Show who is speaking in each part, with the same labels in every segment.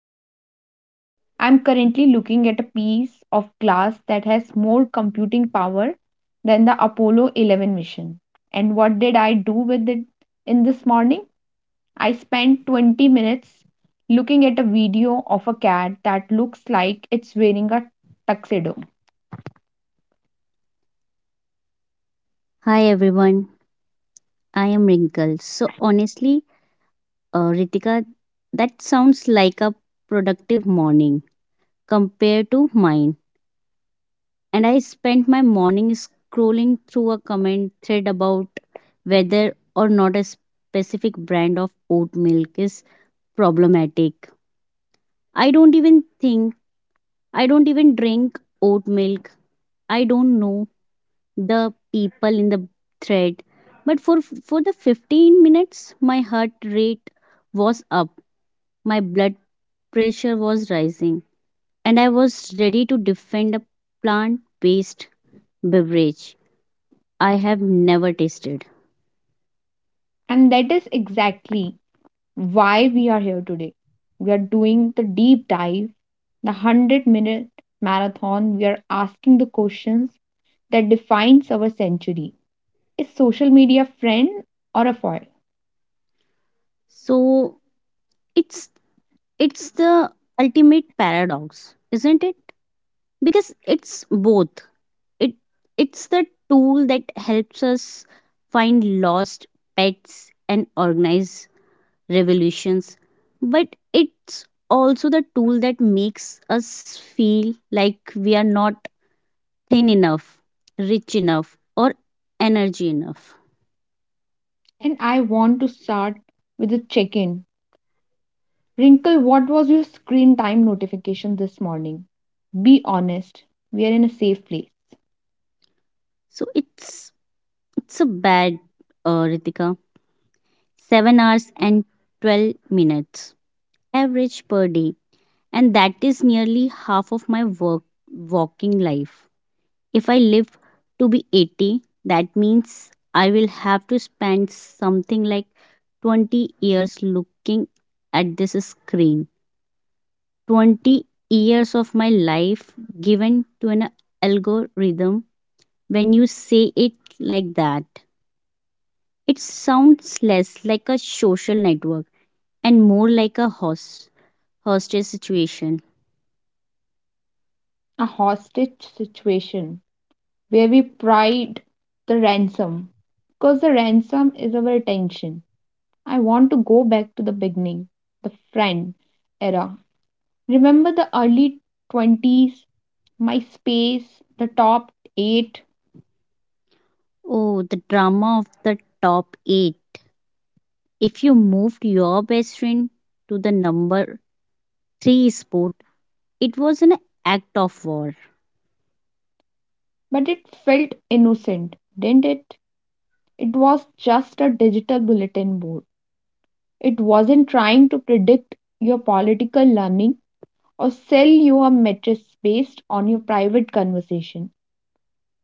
Speaker 1: am Ritika. I'm currently looking at a piece of glass that has more computing power than the Apollo 11 mission. And what did I do with it in this morning? I spent 20 minutes looking at a video of a cat that looks like it's wearing a tuxedo.
Speaker 2: Hi everyone, I am Wrinkle. So honestly, Ritika, that sounds like a productive morning compared to mine. And I spent my morning scrolling through a comment thread about whether or not a specific brand of oat milk is problematic. I don't even think, I don't even drink oat milk. I don't know the people in the thread, but for the 15 minutes my heart rate was up, my blood pressure was rising, and I was ready to defend a plant based beverage I have never tasted.
Speaker 1: And that is exactly why we are here today. We are doing the deep dive, the 100-minute marathon. We are asking the questions that defines our century. Is social media a friend or a foil?
Speaker 2: So it's it's the ultimate paradox, isn't it? Because it's both. it it's the tool that helps us find lost pets and organize revolutions, but it's also the tool that makes us feel like we are not thin enough, rich enough, or energy enough.
Speaker 1: And I want to start with a check-in. Wrinkle, what was your screen time notification this morning? Be honest, we are in a safe place,
Speaker 2: So it's a bad, Ritika. 7 hours and 12 minutes average per day, and that is nearly half of my work walking life. If I live to be 80, that means I will have to spend something like 20 years looking at this screen. 20 years of my life given to an algorithm. When you say it like that, it sounds less like a social network and more like a hostage situation.
Speaker 1: a hostage situation where we pride the ransom because the ransom is our attention. I want to go back to the beginning, the friend era. Remember the early 20s, MySpace, the top 8,
Speaker 2: Oh, the drama of the top 8. If you moved your best friend to the number three sport, it was an act of war.
Speaker 1: but it felt innocent, didn't it? It was just a digital bulletin board. It wasn't trying to predict your political learning or sell you a mattress based on your private conversation.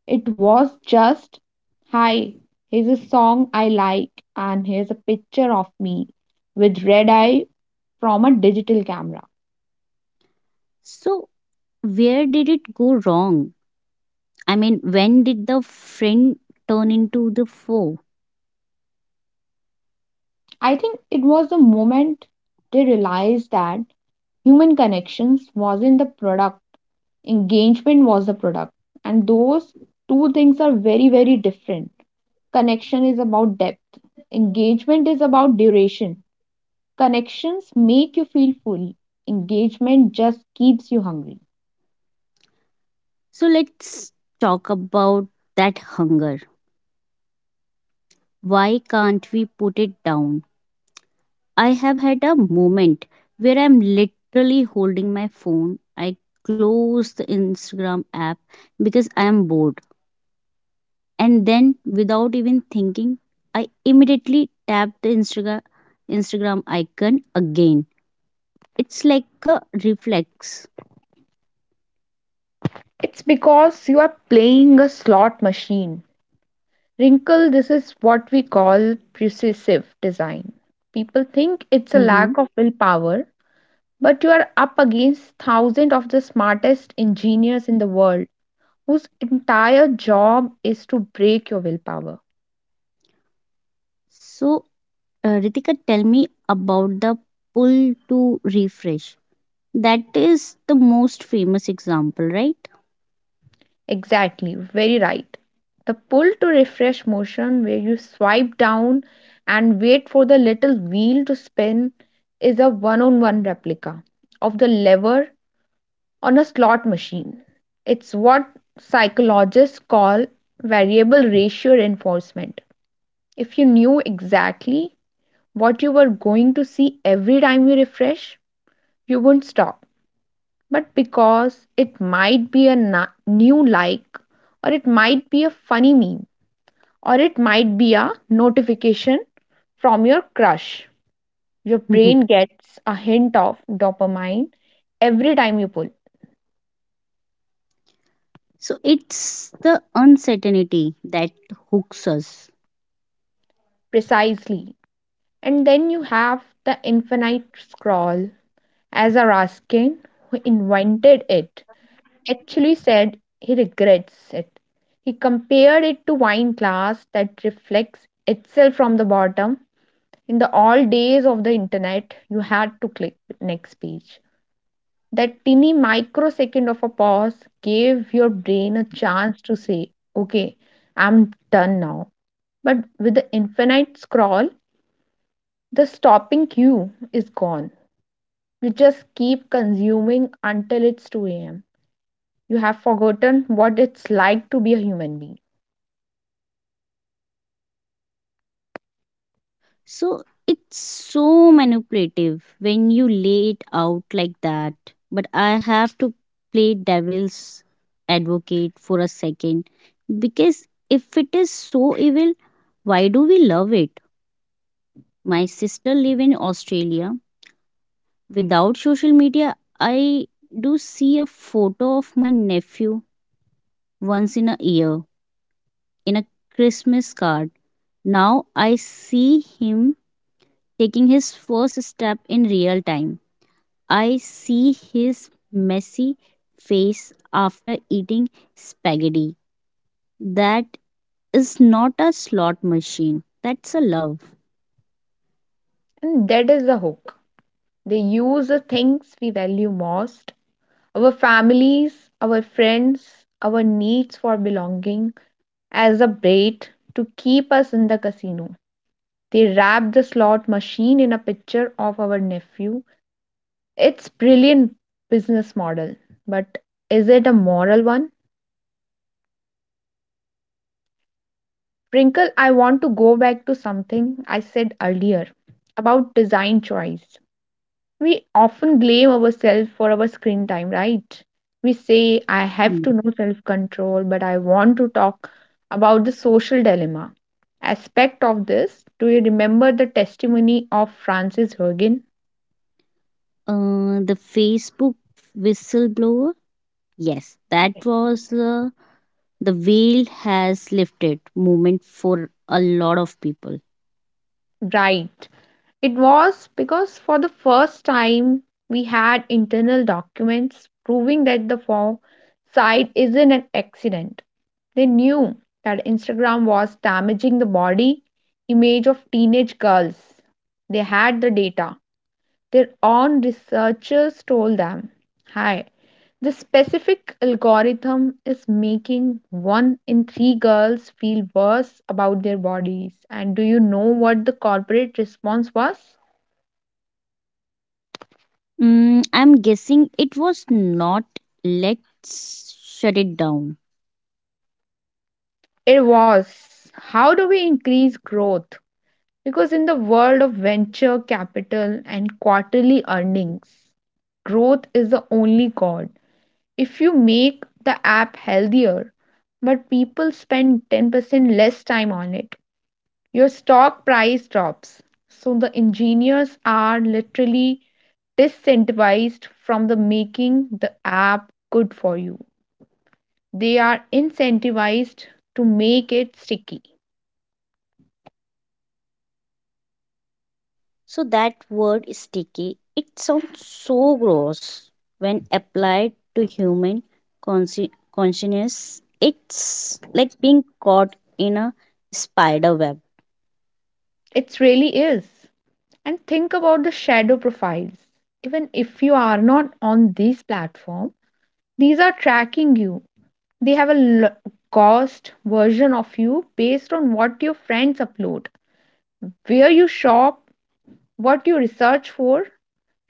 Speaker 1: It was just, hi, here's a song I like, and here's a picture of me with red eye from a digital camera.
Speaker 2: So where did it go wrong? I mean, when did the friend turn into the foe?
Speaker 1: I think it was the moment they realized that human connections wasn't the product, engagement was the product. And those two things are very, very different. Connection is about depth, engagement is about duration. Connections make you feel full, engagement just keeps you hungry.
Speaker 2: So let's talk about that hunger. Why can't we put it down? I have had a moment where I'm literally holding my phone. I close the Instagram app because I am bored, and then, without even thinking, I immediately tap the Instagram icon again. It's like a reflex.
Speaker 1: It's because you are playing a slot machine. Wrinkle, this is what we call precisive design. People think it's a
Speaker 2: Hmm.
Speaker 1: lack of willpower, but you are up against thousands of the smartest engineers in the world whose entire job is to break your willpower.
Speaker 2: So, Ritika, tell me about the pull to refresh. That is the most famous example, right?
Speaker 1: Exactly, very right. The pull to refresh motion where you swipe down and wait for the little wheel to spin is a one on one replica of the lever on a slot machine. It's what psychologists call variable ratio reinforcement. If you knew exactly what you were going to see every time you refresh, you wouldn't stop. But because it might be a new like or it might be a funny meme or it might be a notification from your crush. Your
Speaker 2: Mhm.
Speaker 1: brain gets a hint of dopamine every time you pull,
Speaker 2: So it's the uncertainty that hooks us.
Speaker 1: precisely. And then you have the infinite scroll. As a Raskin, who invented it, actually said he regrets it. He compared it to wine glass that reflects itself from the bottom. In the old days of the internet, you had to click next page. That tiny microsecond of a pause gave your brain a chance to say, okay, I'm done now. But with the infinite scroll, the stopping cue is gone. You just keep consuming until it's 2 a.m. You have forgotten what it's like to be a human being.
Speaker 2: So it's so manipulative when you lay it out like that. But I have to play devil's advocate for a second, because if it is so evil, why do we love it? My sister live in Australia. Without social media, I do see a photo of my nephew once in a year in a Christmas card. Now I see him taking his first step in real time. I see his messy face after eating spaghetti. That is not a slot machine. That's a love.
Speaker 1: And that is the hook. They use the things we value most our families, our friends, our needs for belonging as a bait to keep us in the casino. They wrapped the slot machine in a picture of our nephew. It's brilliant business model, but is it a moral one? Wrinkle, I want to go back to something I said earlier about design choice. We often blame ourselves for our screen time, right? We say, I have
Speaker 2: Mm.
Speaker 1: to know self control, but I want to talk about the social dilemma aspect of this. Do you remember the testimony of Francis Hogan?
Speaker 2: The Facebook whistleblower. Yes, that
Speaker 1: Yes.
Speaker 2: was, the veil has lifted moment for a lot of people.
Speaker 1: Right. It was because for the first time we had internal documents proving that the form site isn't an accident. They knew that Instagram was damaging the body image of teenage girls. They had the data. Their own researchers told them, "Hi, the specific algorithm is making one in three girls feel worse about their bodies." And do you know what the corporate response was?
Speaker 2: Mm, I'm guessing it was not, let's shut it down.
Speaker 1: It was how do we increase growth? Because in the world of venture capital and quarterly earnings, growth is the only god. If you make the app healthier, but people spend 10% less time on it, your stock price drops. So the engineers are literally disincentivized from the making the app good for you. They are incentivized to make it sticky.
Speaker 2: So that word sticky, it sounds so gross when applied to human consciousness. It's like being caught in a spider web.
Speaker 1: It really is. And think about the shadow profiles. Even if you are not on these platform, these are tracking you. They have a cost version of you based on what your friends upload, where you shop, what you research for.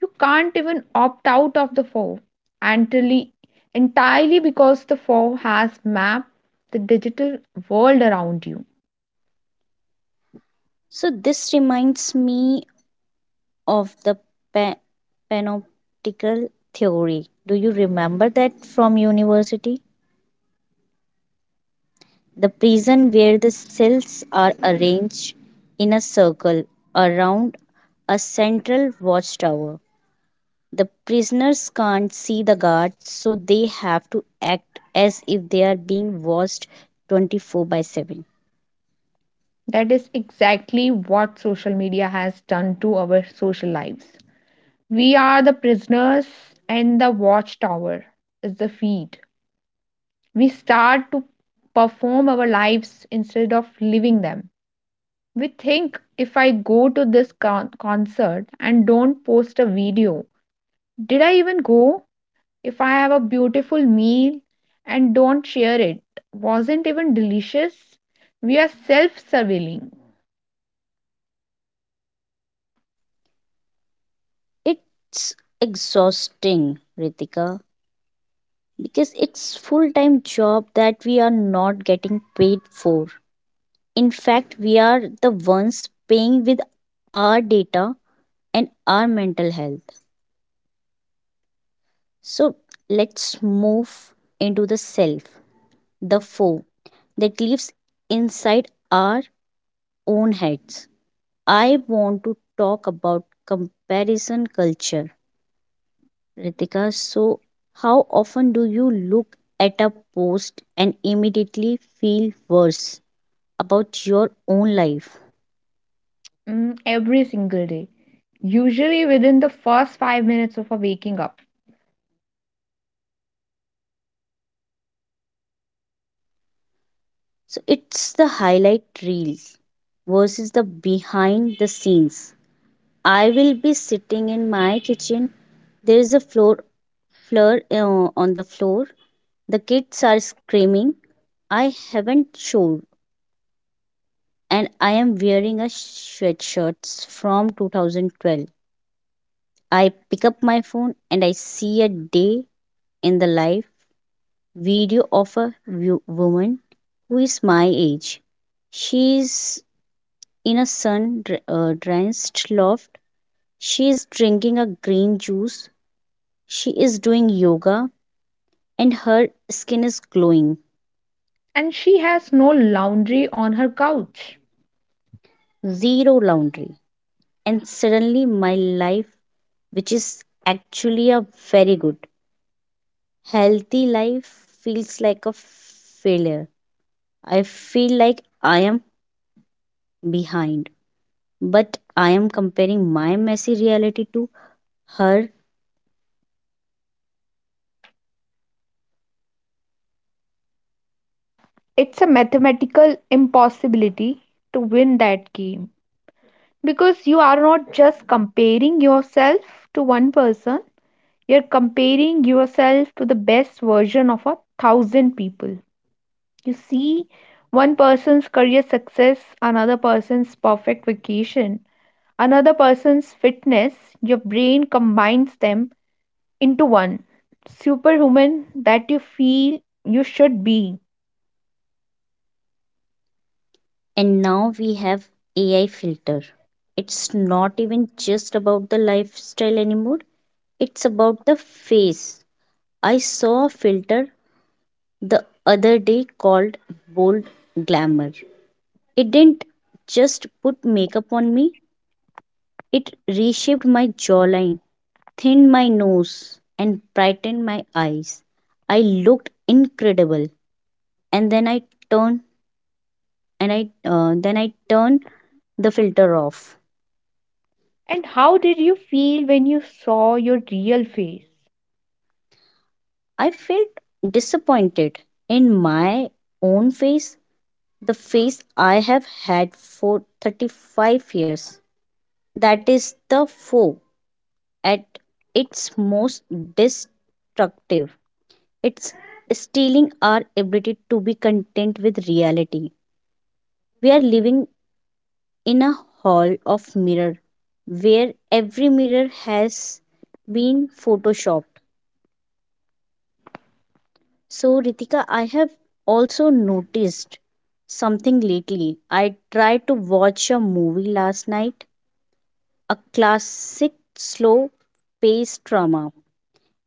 Speaker 1: You can't even opt out of the four entirely, entirely because the four has mapped the digital world around you.
Speaker 2: So this reminds me of the pa- panoptical theory. Do you remember that from university? The prison where the cells are arranged in a circle around a central watchtower. The prisoners can't see the guards, so they have to act as if they are being watched 24 by 7.
Speaker 1: That is exactly what social media has done to our social lives. We are the prisoners and the watchtower is the feed. We start to perform our lives instead of living them. We think if I go to this concert and don't post a video, did I even go? If I have a beautiful meal and don't share it, wasn't even delicious? We are self surveilling
Speaker 2: It's exhausting, Ritika, because it's full-time job that we are not getting paid for. In fact, we are the ones paying with our data and our mental health. So, let's move into the self, the foe that lives inside our own heads. I want to talk about comparison culture. Ritika, so how often do you look at a post and immediately feel worse about your own life?
Speaker 1: every single day, usually within the first 5 minutes of our waking up.
Speaker 2: So it's the highlight reels versus the behind the scenes. I will be sitting in my kitchen. There is a floor on the floor. The kids are screaming. I haven't showered, and I am wearing a sweatshirt from 2012. I pick up my phone and I see a day in the life video of a woman who is my age. She's in a drenched loft. She is drinking a green juice. She is doing yoga and her skin is glowing.
Speaker 1: And she has no laundry on her couch.
Speaker 2: Zero laundry. And suddenly, my life, which is actually a very good Healthy life feels like a failure. I feel like I am behind, but I am comparing my messy reality to her,
Speaker 1: It's a mathematical impossibility to win that game because you are not just comparing yourself to one person, you're comparing yourself to the best version of a thousand people. You see one person's career success, another person's perfect vacation, another person's fitness, your brain combines them into one superhuman that you feel you should be.
Speaker 2: and now we have AI filter. It's not even just about the lifestyle anymore, it's about the face. I saw a filter the other day called Bold Glamour. It didn't just put makeup on me, it reshaped my jawline thinned my nose and brightened my eyes. I looked incredible, and then I turned and I then I turned the filter off.
Speaker 1: And how did you feel when you saw your real face?
Speaker 2: I felt disappointed in my own face, the face I have had for 35 years. That is the foe at its most destructive. It's stealing our ability to be content with reality. We are living in a hall of mirror where every mirror has been photoshopped. So Ritika, I have also noticed something lately. I tried to watch a movie last night, a classic slow paced drama,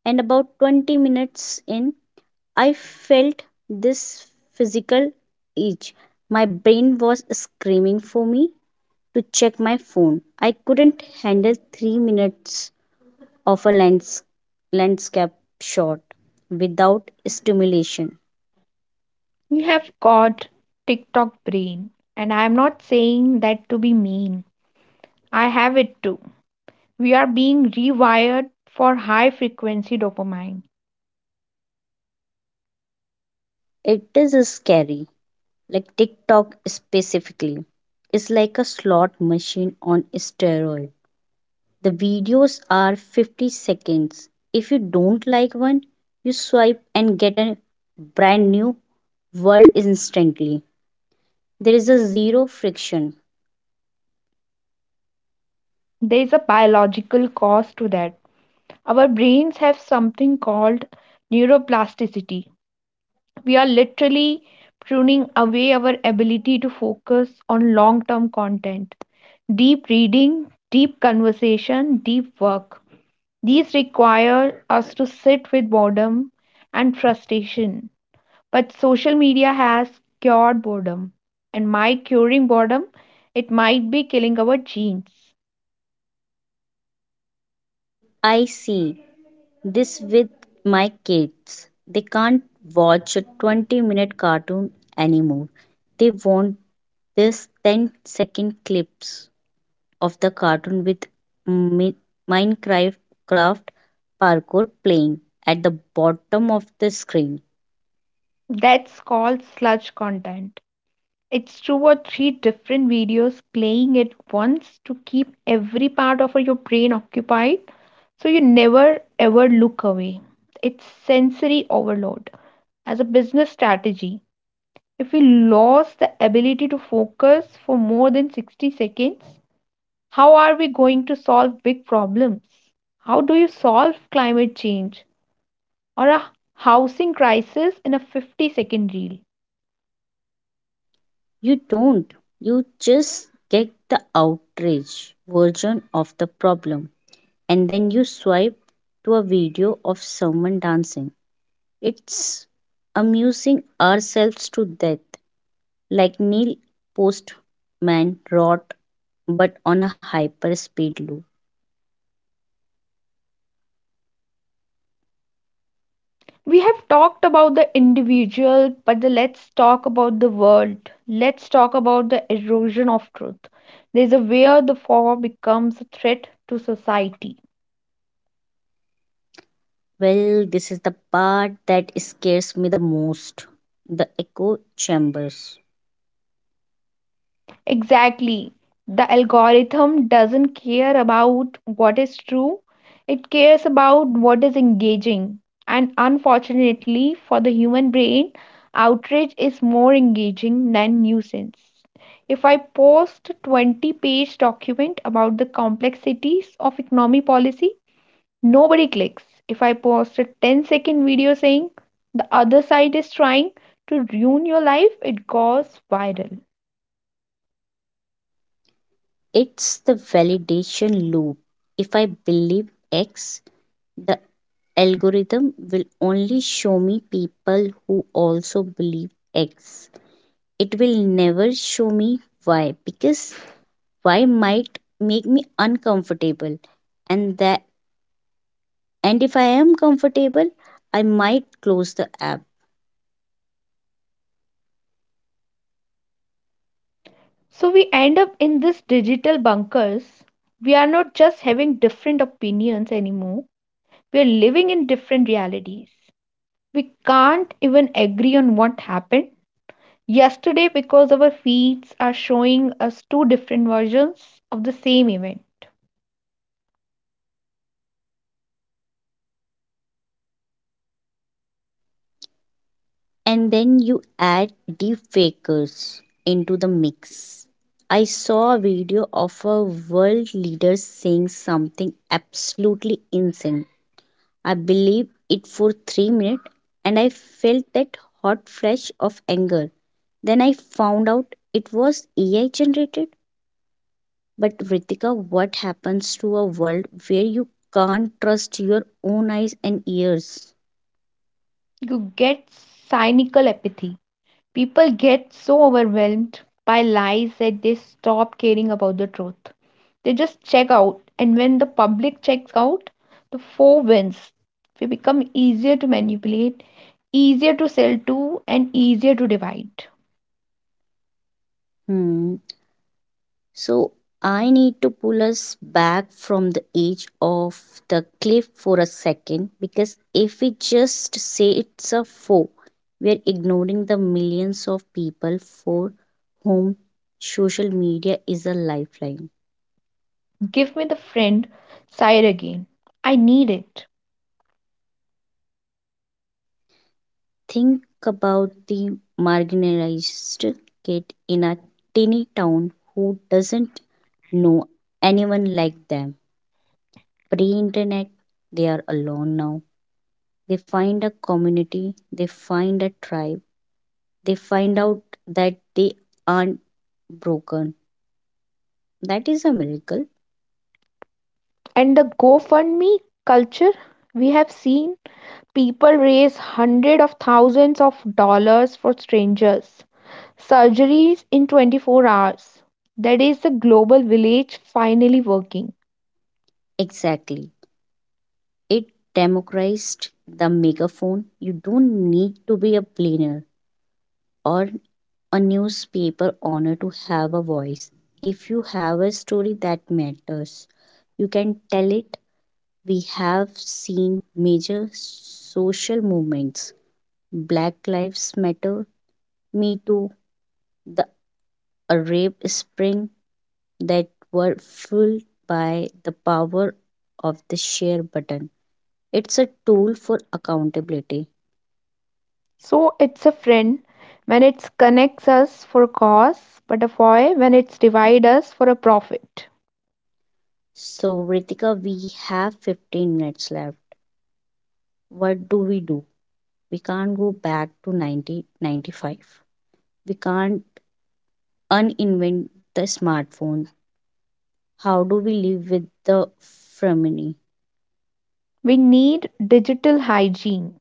Speaker 2: and about 20 minutes in, I felt this physical itch. My brain was screaming for me to check my phone. I couldn't handle 3 minutes of a lands- landscape shot without stimulation.
Speaker 1: You have got TikTok brain, and I am not saying that to be mean. I have it too. We are being rewired for high frequency dopamine.
Speaker 2: It is scary. Like TikTok specifically is like a slot machine on steroid. The videos are 50 seconds. If you don't like one, you swipe and get a brand new world instantly. There is a zero friction.
Speaker 1: There is a biological cause to that. Our brains have something called neuroplasticity. We are literally pruning away our ability to focus on long term content, deep reading, deep conversation, deep work. These require us to sit with boredom and frustration. But social media has cured boredom. And my curing boredom, it might be killing our genes.
Speaker 2: I see this with my kids. They can't watch a 20-minute cartoon anymore. They want this ten-second clips of the cartoon with Mi- Minecraft craft parkour playing at the bottom of the screen.
Speaker 1: That's called sludge content. It's two or three different videos playing at once to keep every part of your brain occupied so you never ever look away. It's sensory overload as a business strategy. If we lost the ability to focus for more than 60 seconds, how are we going to solve big problems? How do you solve climate change or a housing crisis in a 50-second reel?
Speaker 2: You don't, you just get the outrage version of the problem and then you swipe to a video of someone dancing It's amusing ourselves to death, like Neil Postman wrote, but on a hyperspeed loop.
Speaker 1: We have talked about the individual, but the, let's talk about the world. Let's talk about the erosion of truth. There's a where the form becomes a threat to society.
Speaker 2: Well, this is the part that scares me the most the echo chambers.
Speaker 1: Exactly. The algorithm doesn't care about what is true, it cares about what is engaging. And unfortunately, for the human brain, outrage is more engaging than nuisance. If I post a 20-page document about the complexities of economy policy, nobody clicks. If I post a ten-second video saying the other side is trying to ruin your life, it goes viral.
Speaker 2: It's the validation loop. If I believe X, the algorithm will only show me people who also believe X. It will never show me Y because why might make me uncomfortable and that and if I am comfortable I might close the app
Speaker 1: So we end up in this digital bunkers. We are not just having different opinions anymore. We are living in different realities. We can't even agree on what happened yesterday because our feeds are showing us two different versions of the same event.
Speaker 2: and then you add deep fakers into the mix I saw a video of a world leader saying something absolutely insane I believed it for 3 minutes and I felt that hot flash of anger then I found out it was ai generated But Ritika, what happens to a world where you can't trust your own eyes and ears?
Speaker 1: You get cynical apathy. People get so overwhelmed by lies that they stop caring about the truth. They just check out, and when the public checks out, the four wins. We become easier to manipulate, easier to sell to, and easier to divide.
Speaker 2: Hmm. So I need to pull us back from the edge of the cliff for a second because if we just say it's a foe, we're ignoring the millions of people for whom social media is a lifeline.
Speaker 1: Give me the friend side again. I need it.
Speaker 2: Think about the marginalized kid in a tiny town who doesn't know anyone like them. Pre internet, they are alone now. They find a community, they find a tribe, they find out that they aren't broken. That is a miracle.
Speaker 1: And the GoFundMe culture, we have seen people raise hundreds of thousands of dollars for strangers. Surgeries in 24 hours. That is the global village finally working.
Speaker 2: Exactly. It democratized the megaphone. You don't need to be a billionaire or a newspaper honor to have a voice. If you have a story that matters, you can tell it. We have seen major social movements Black Lives Matter, Me Too, the Arab Spring that were fueled by the power of the share button. It's a tool for accountability.
Speaker 1: So it's a friend when it connects us for a cause, but a foe when it's divide us for a profit.
Speaker 2: So, Ritika, we have 15 minutes left. What do? We can't go back to 1995. We can't uninvent the smartphone. How do we live with the family?
Speaker 1: We need digital hygiene.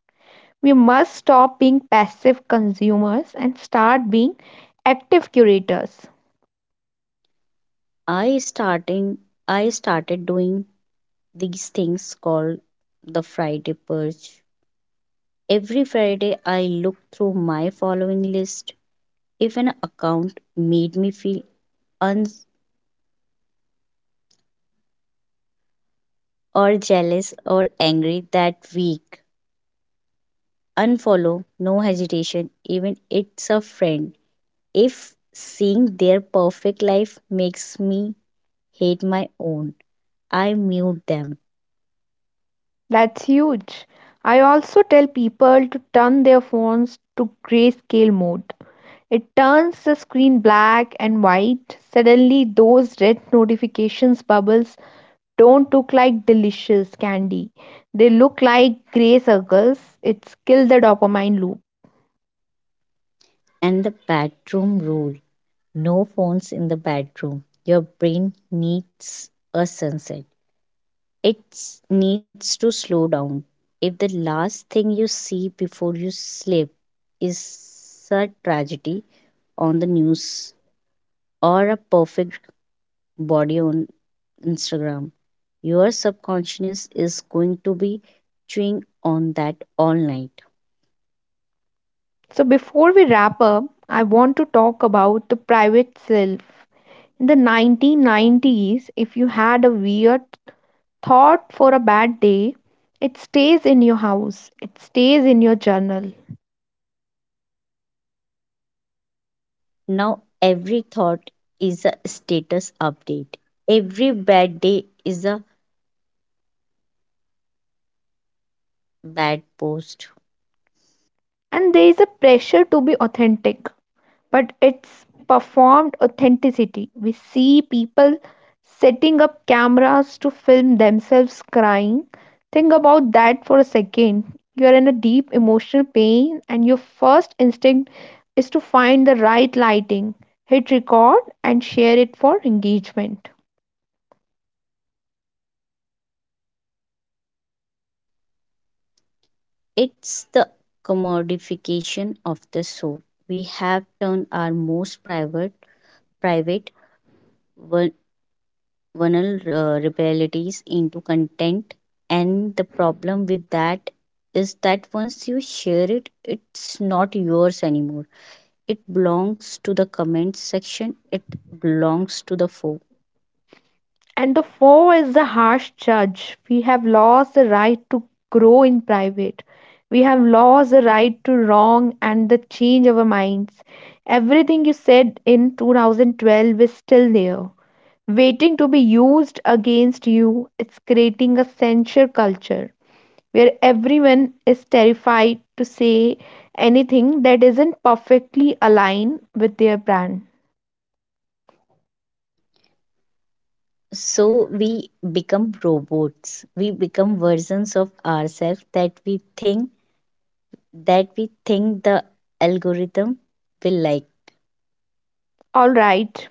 Speaker 1: We must stop being passive consumers and start being active curators.
Speaker 2: I starting I started doing these things called the Friday purge. Every Friday I look through my following list. If an account made me feel un or jealous or angry that week, unfollow, no hesitation, even it's a friend. If seeing their perfect life makes me hate my own, I mute them.
Speaker 1: That's huge. I also tell people to turn their phones to grayscale mode. It turns the screen black and white. Suddenly, those red notifications bubbles don't look like delicious candy. They look like gray circles. It's kill the dopamine loop.
Speaker 2: And the bedroom rule no phones in the bedroom. Your brain needs a sunset, it needs to slow down. If the last thing you see before you sleep is a tragedy on the news or a perfect body on Instagram. Your subconscious is going to be chewing on that all night.
Speaker 1: So before we wrap up, I want to talk about the private self. In the 1990s, if you had a weird thought for a bad day, it stays in your house, it stays in your journal.
Speaker 2: Now, every thought is a status update, every bad day is a bad post.
Speaker 1: And there is a pressure to be authentic. But it's performed authenticity. We see people setting up cameras to film themselves crying. Think about that for a second. You're in a deep emotional pain, and your first instinct is to find the right lighting, hit record, and share it for engagement.
Speaker 2: It's the commodification of the soul. We have turned our most private, private, vul- vulnerabilities into content. And the problem with that is that once you share it, it's not yours anymore. It belongs to the comment section, it belongs to the foe.
Speaker 1: And the foe is the harsh judge. We have lost the right to grow in private. We have lost the right to wrong and the change our minds. Everything you said in 2012 is still there, waiting to be used against you. It's creating a censure culture where everyone is terrified to say anything that isn't perfectly aligned with their brand.
Speaker 2: So we become robots. We become versions of ourselves that we think the algorithm will like.
Speaker 1: All right,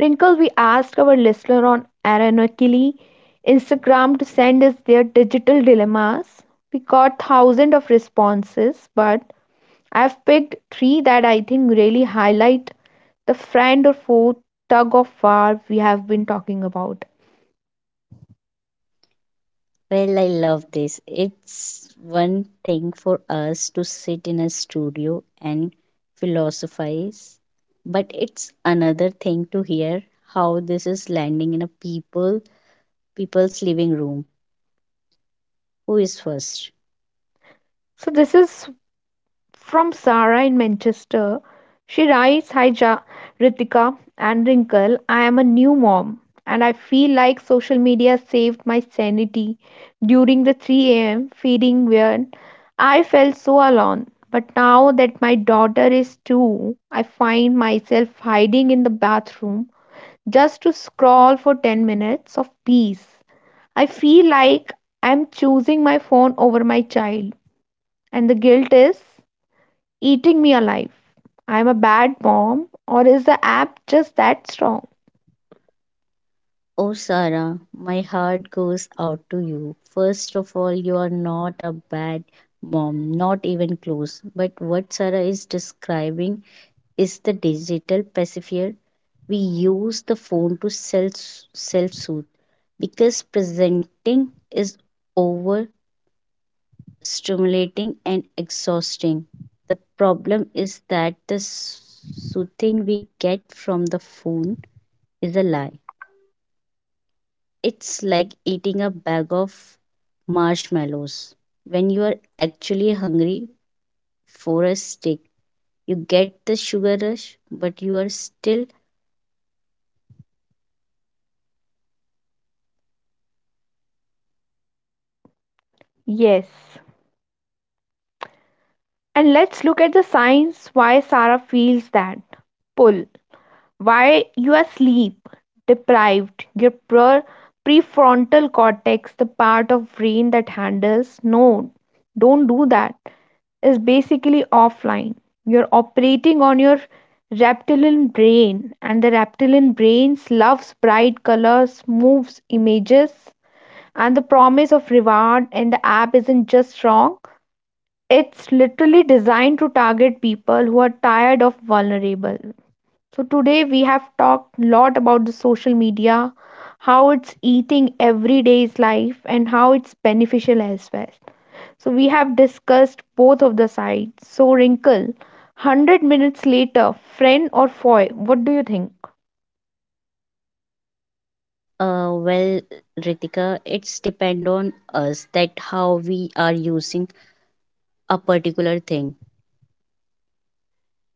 Speaker 1: Wrinkle, we asked our listener on ironically Instagram to send us their digital dilemmas. We got thousands of responses, but I've picked three that I think really highlight the friend or foe tug of war we have been talking about.
Speaker 2: Well, I love this. It's one thing for us to sit in a studio and philosophize, but it's another thing to hear how this is landing in a people people's living room. Who is first?
Speaker 1: So this is from Sarah in Manchester, she writes Hi Ritika and Wrinkle, I am a new mom and I feel like social media saved my sanity during the 3 a.m. feeding when I felt so alone. But now that my daughter is two, I find myself hiding in the bathroom just to scroll for 10 minutes of peace. I feel like I'm choosing my phone over my child, and the guilt is eating me alive. I'm a bad mom, or is the app just that strong?
Speaker 2: Oh, Sarah, my heart goes out to you. First of all, you are not a bad mom, not even close. But what Sarah is describing is the digital pacifier. We use the phone to self self soothe because presenting is overstimulating and exhausting. The problem is that the soothing we get from the phone is a lie. It's like eating a bag of marshmallows. When you are actually hungry for a stick, you get the sugar rush, but you are still
Speaker 1: Yes. And let's look at the signs why Sarah feels that pull. Why you are sleep deprived. Your prefrontal cortex, the part of brain that handles no, don't do that, is basically offline. You're operating on your reptilian brain, and the reptilian brain loves bright colors, moves, images, and the promise of reward and the app isn't just wrong, it's literally designed to target people who are tired of vulnerable. So today we have talked a lot about the social media, how it's eating everyday's life and how it's beneficial as well. So we have discussed both of the sides. So Wrinkle, 100 minutes later, friend or foe, what do you think?
Speaker 2: Well, Ritika, it's depend on us that how we are using a particular thing.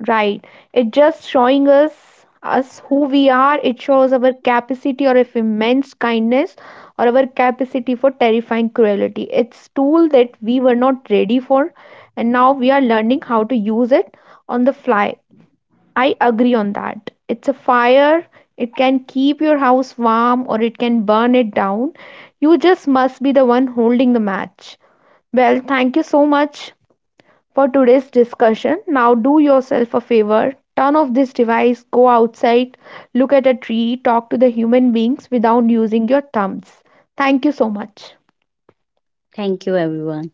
Speaker 1: Right. It just showing us who we are. It shows our capacity or if immense kindness or our capacity for terrifying cruelty. It's tool that we were not ready for and now we are learning how to use it on the fly. I agree on that. It's a fire. It can keep your house warm or it can burn it down. You just must be the one holding the match. Well, thank you so much for today's discussion. Now, do yourself a favor turn off this device, go outside, look at a tree, talk to the human beings without using your thumbs. Thank you so much.
Speaker 2: Thank you, everyone.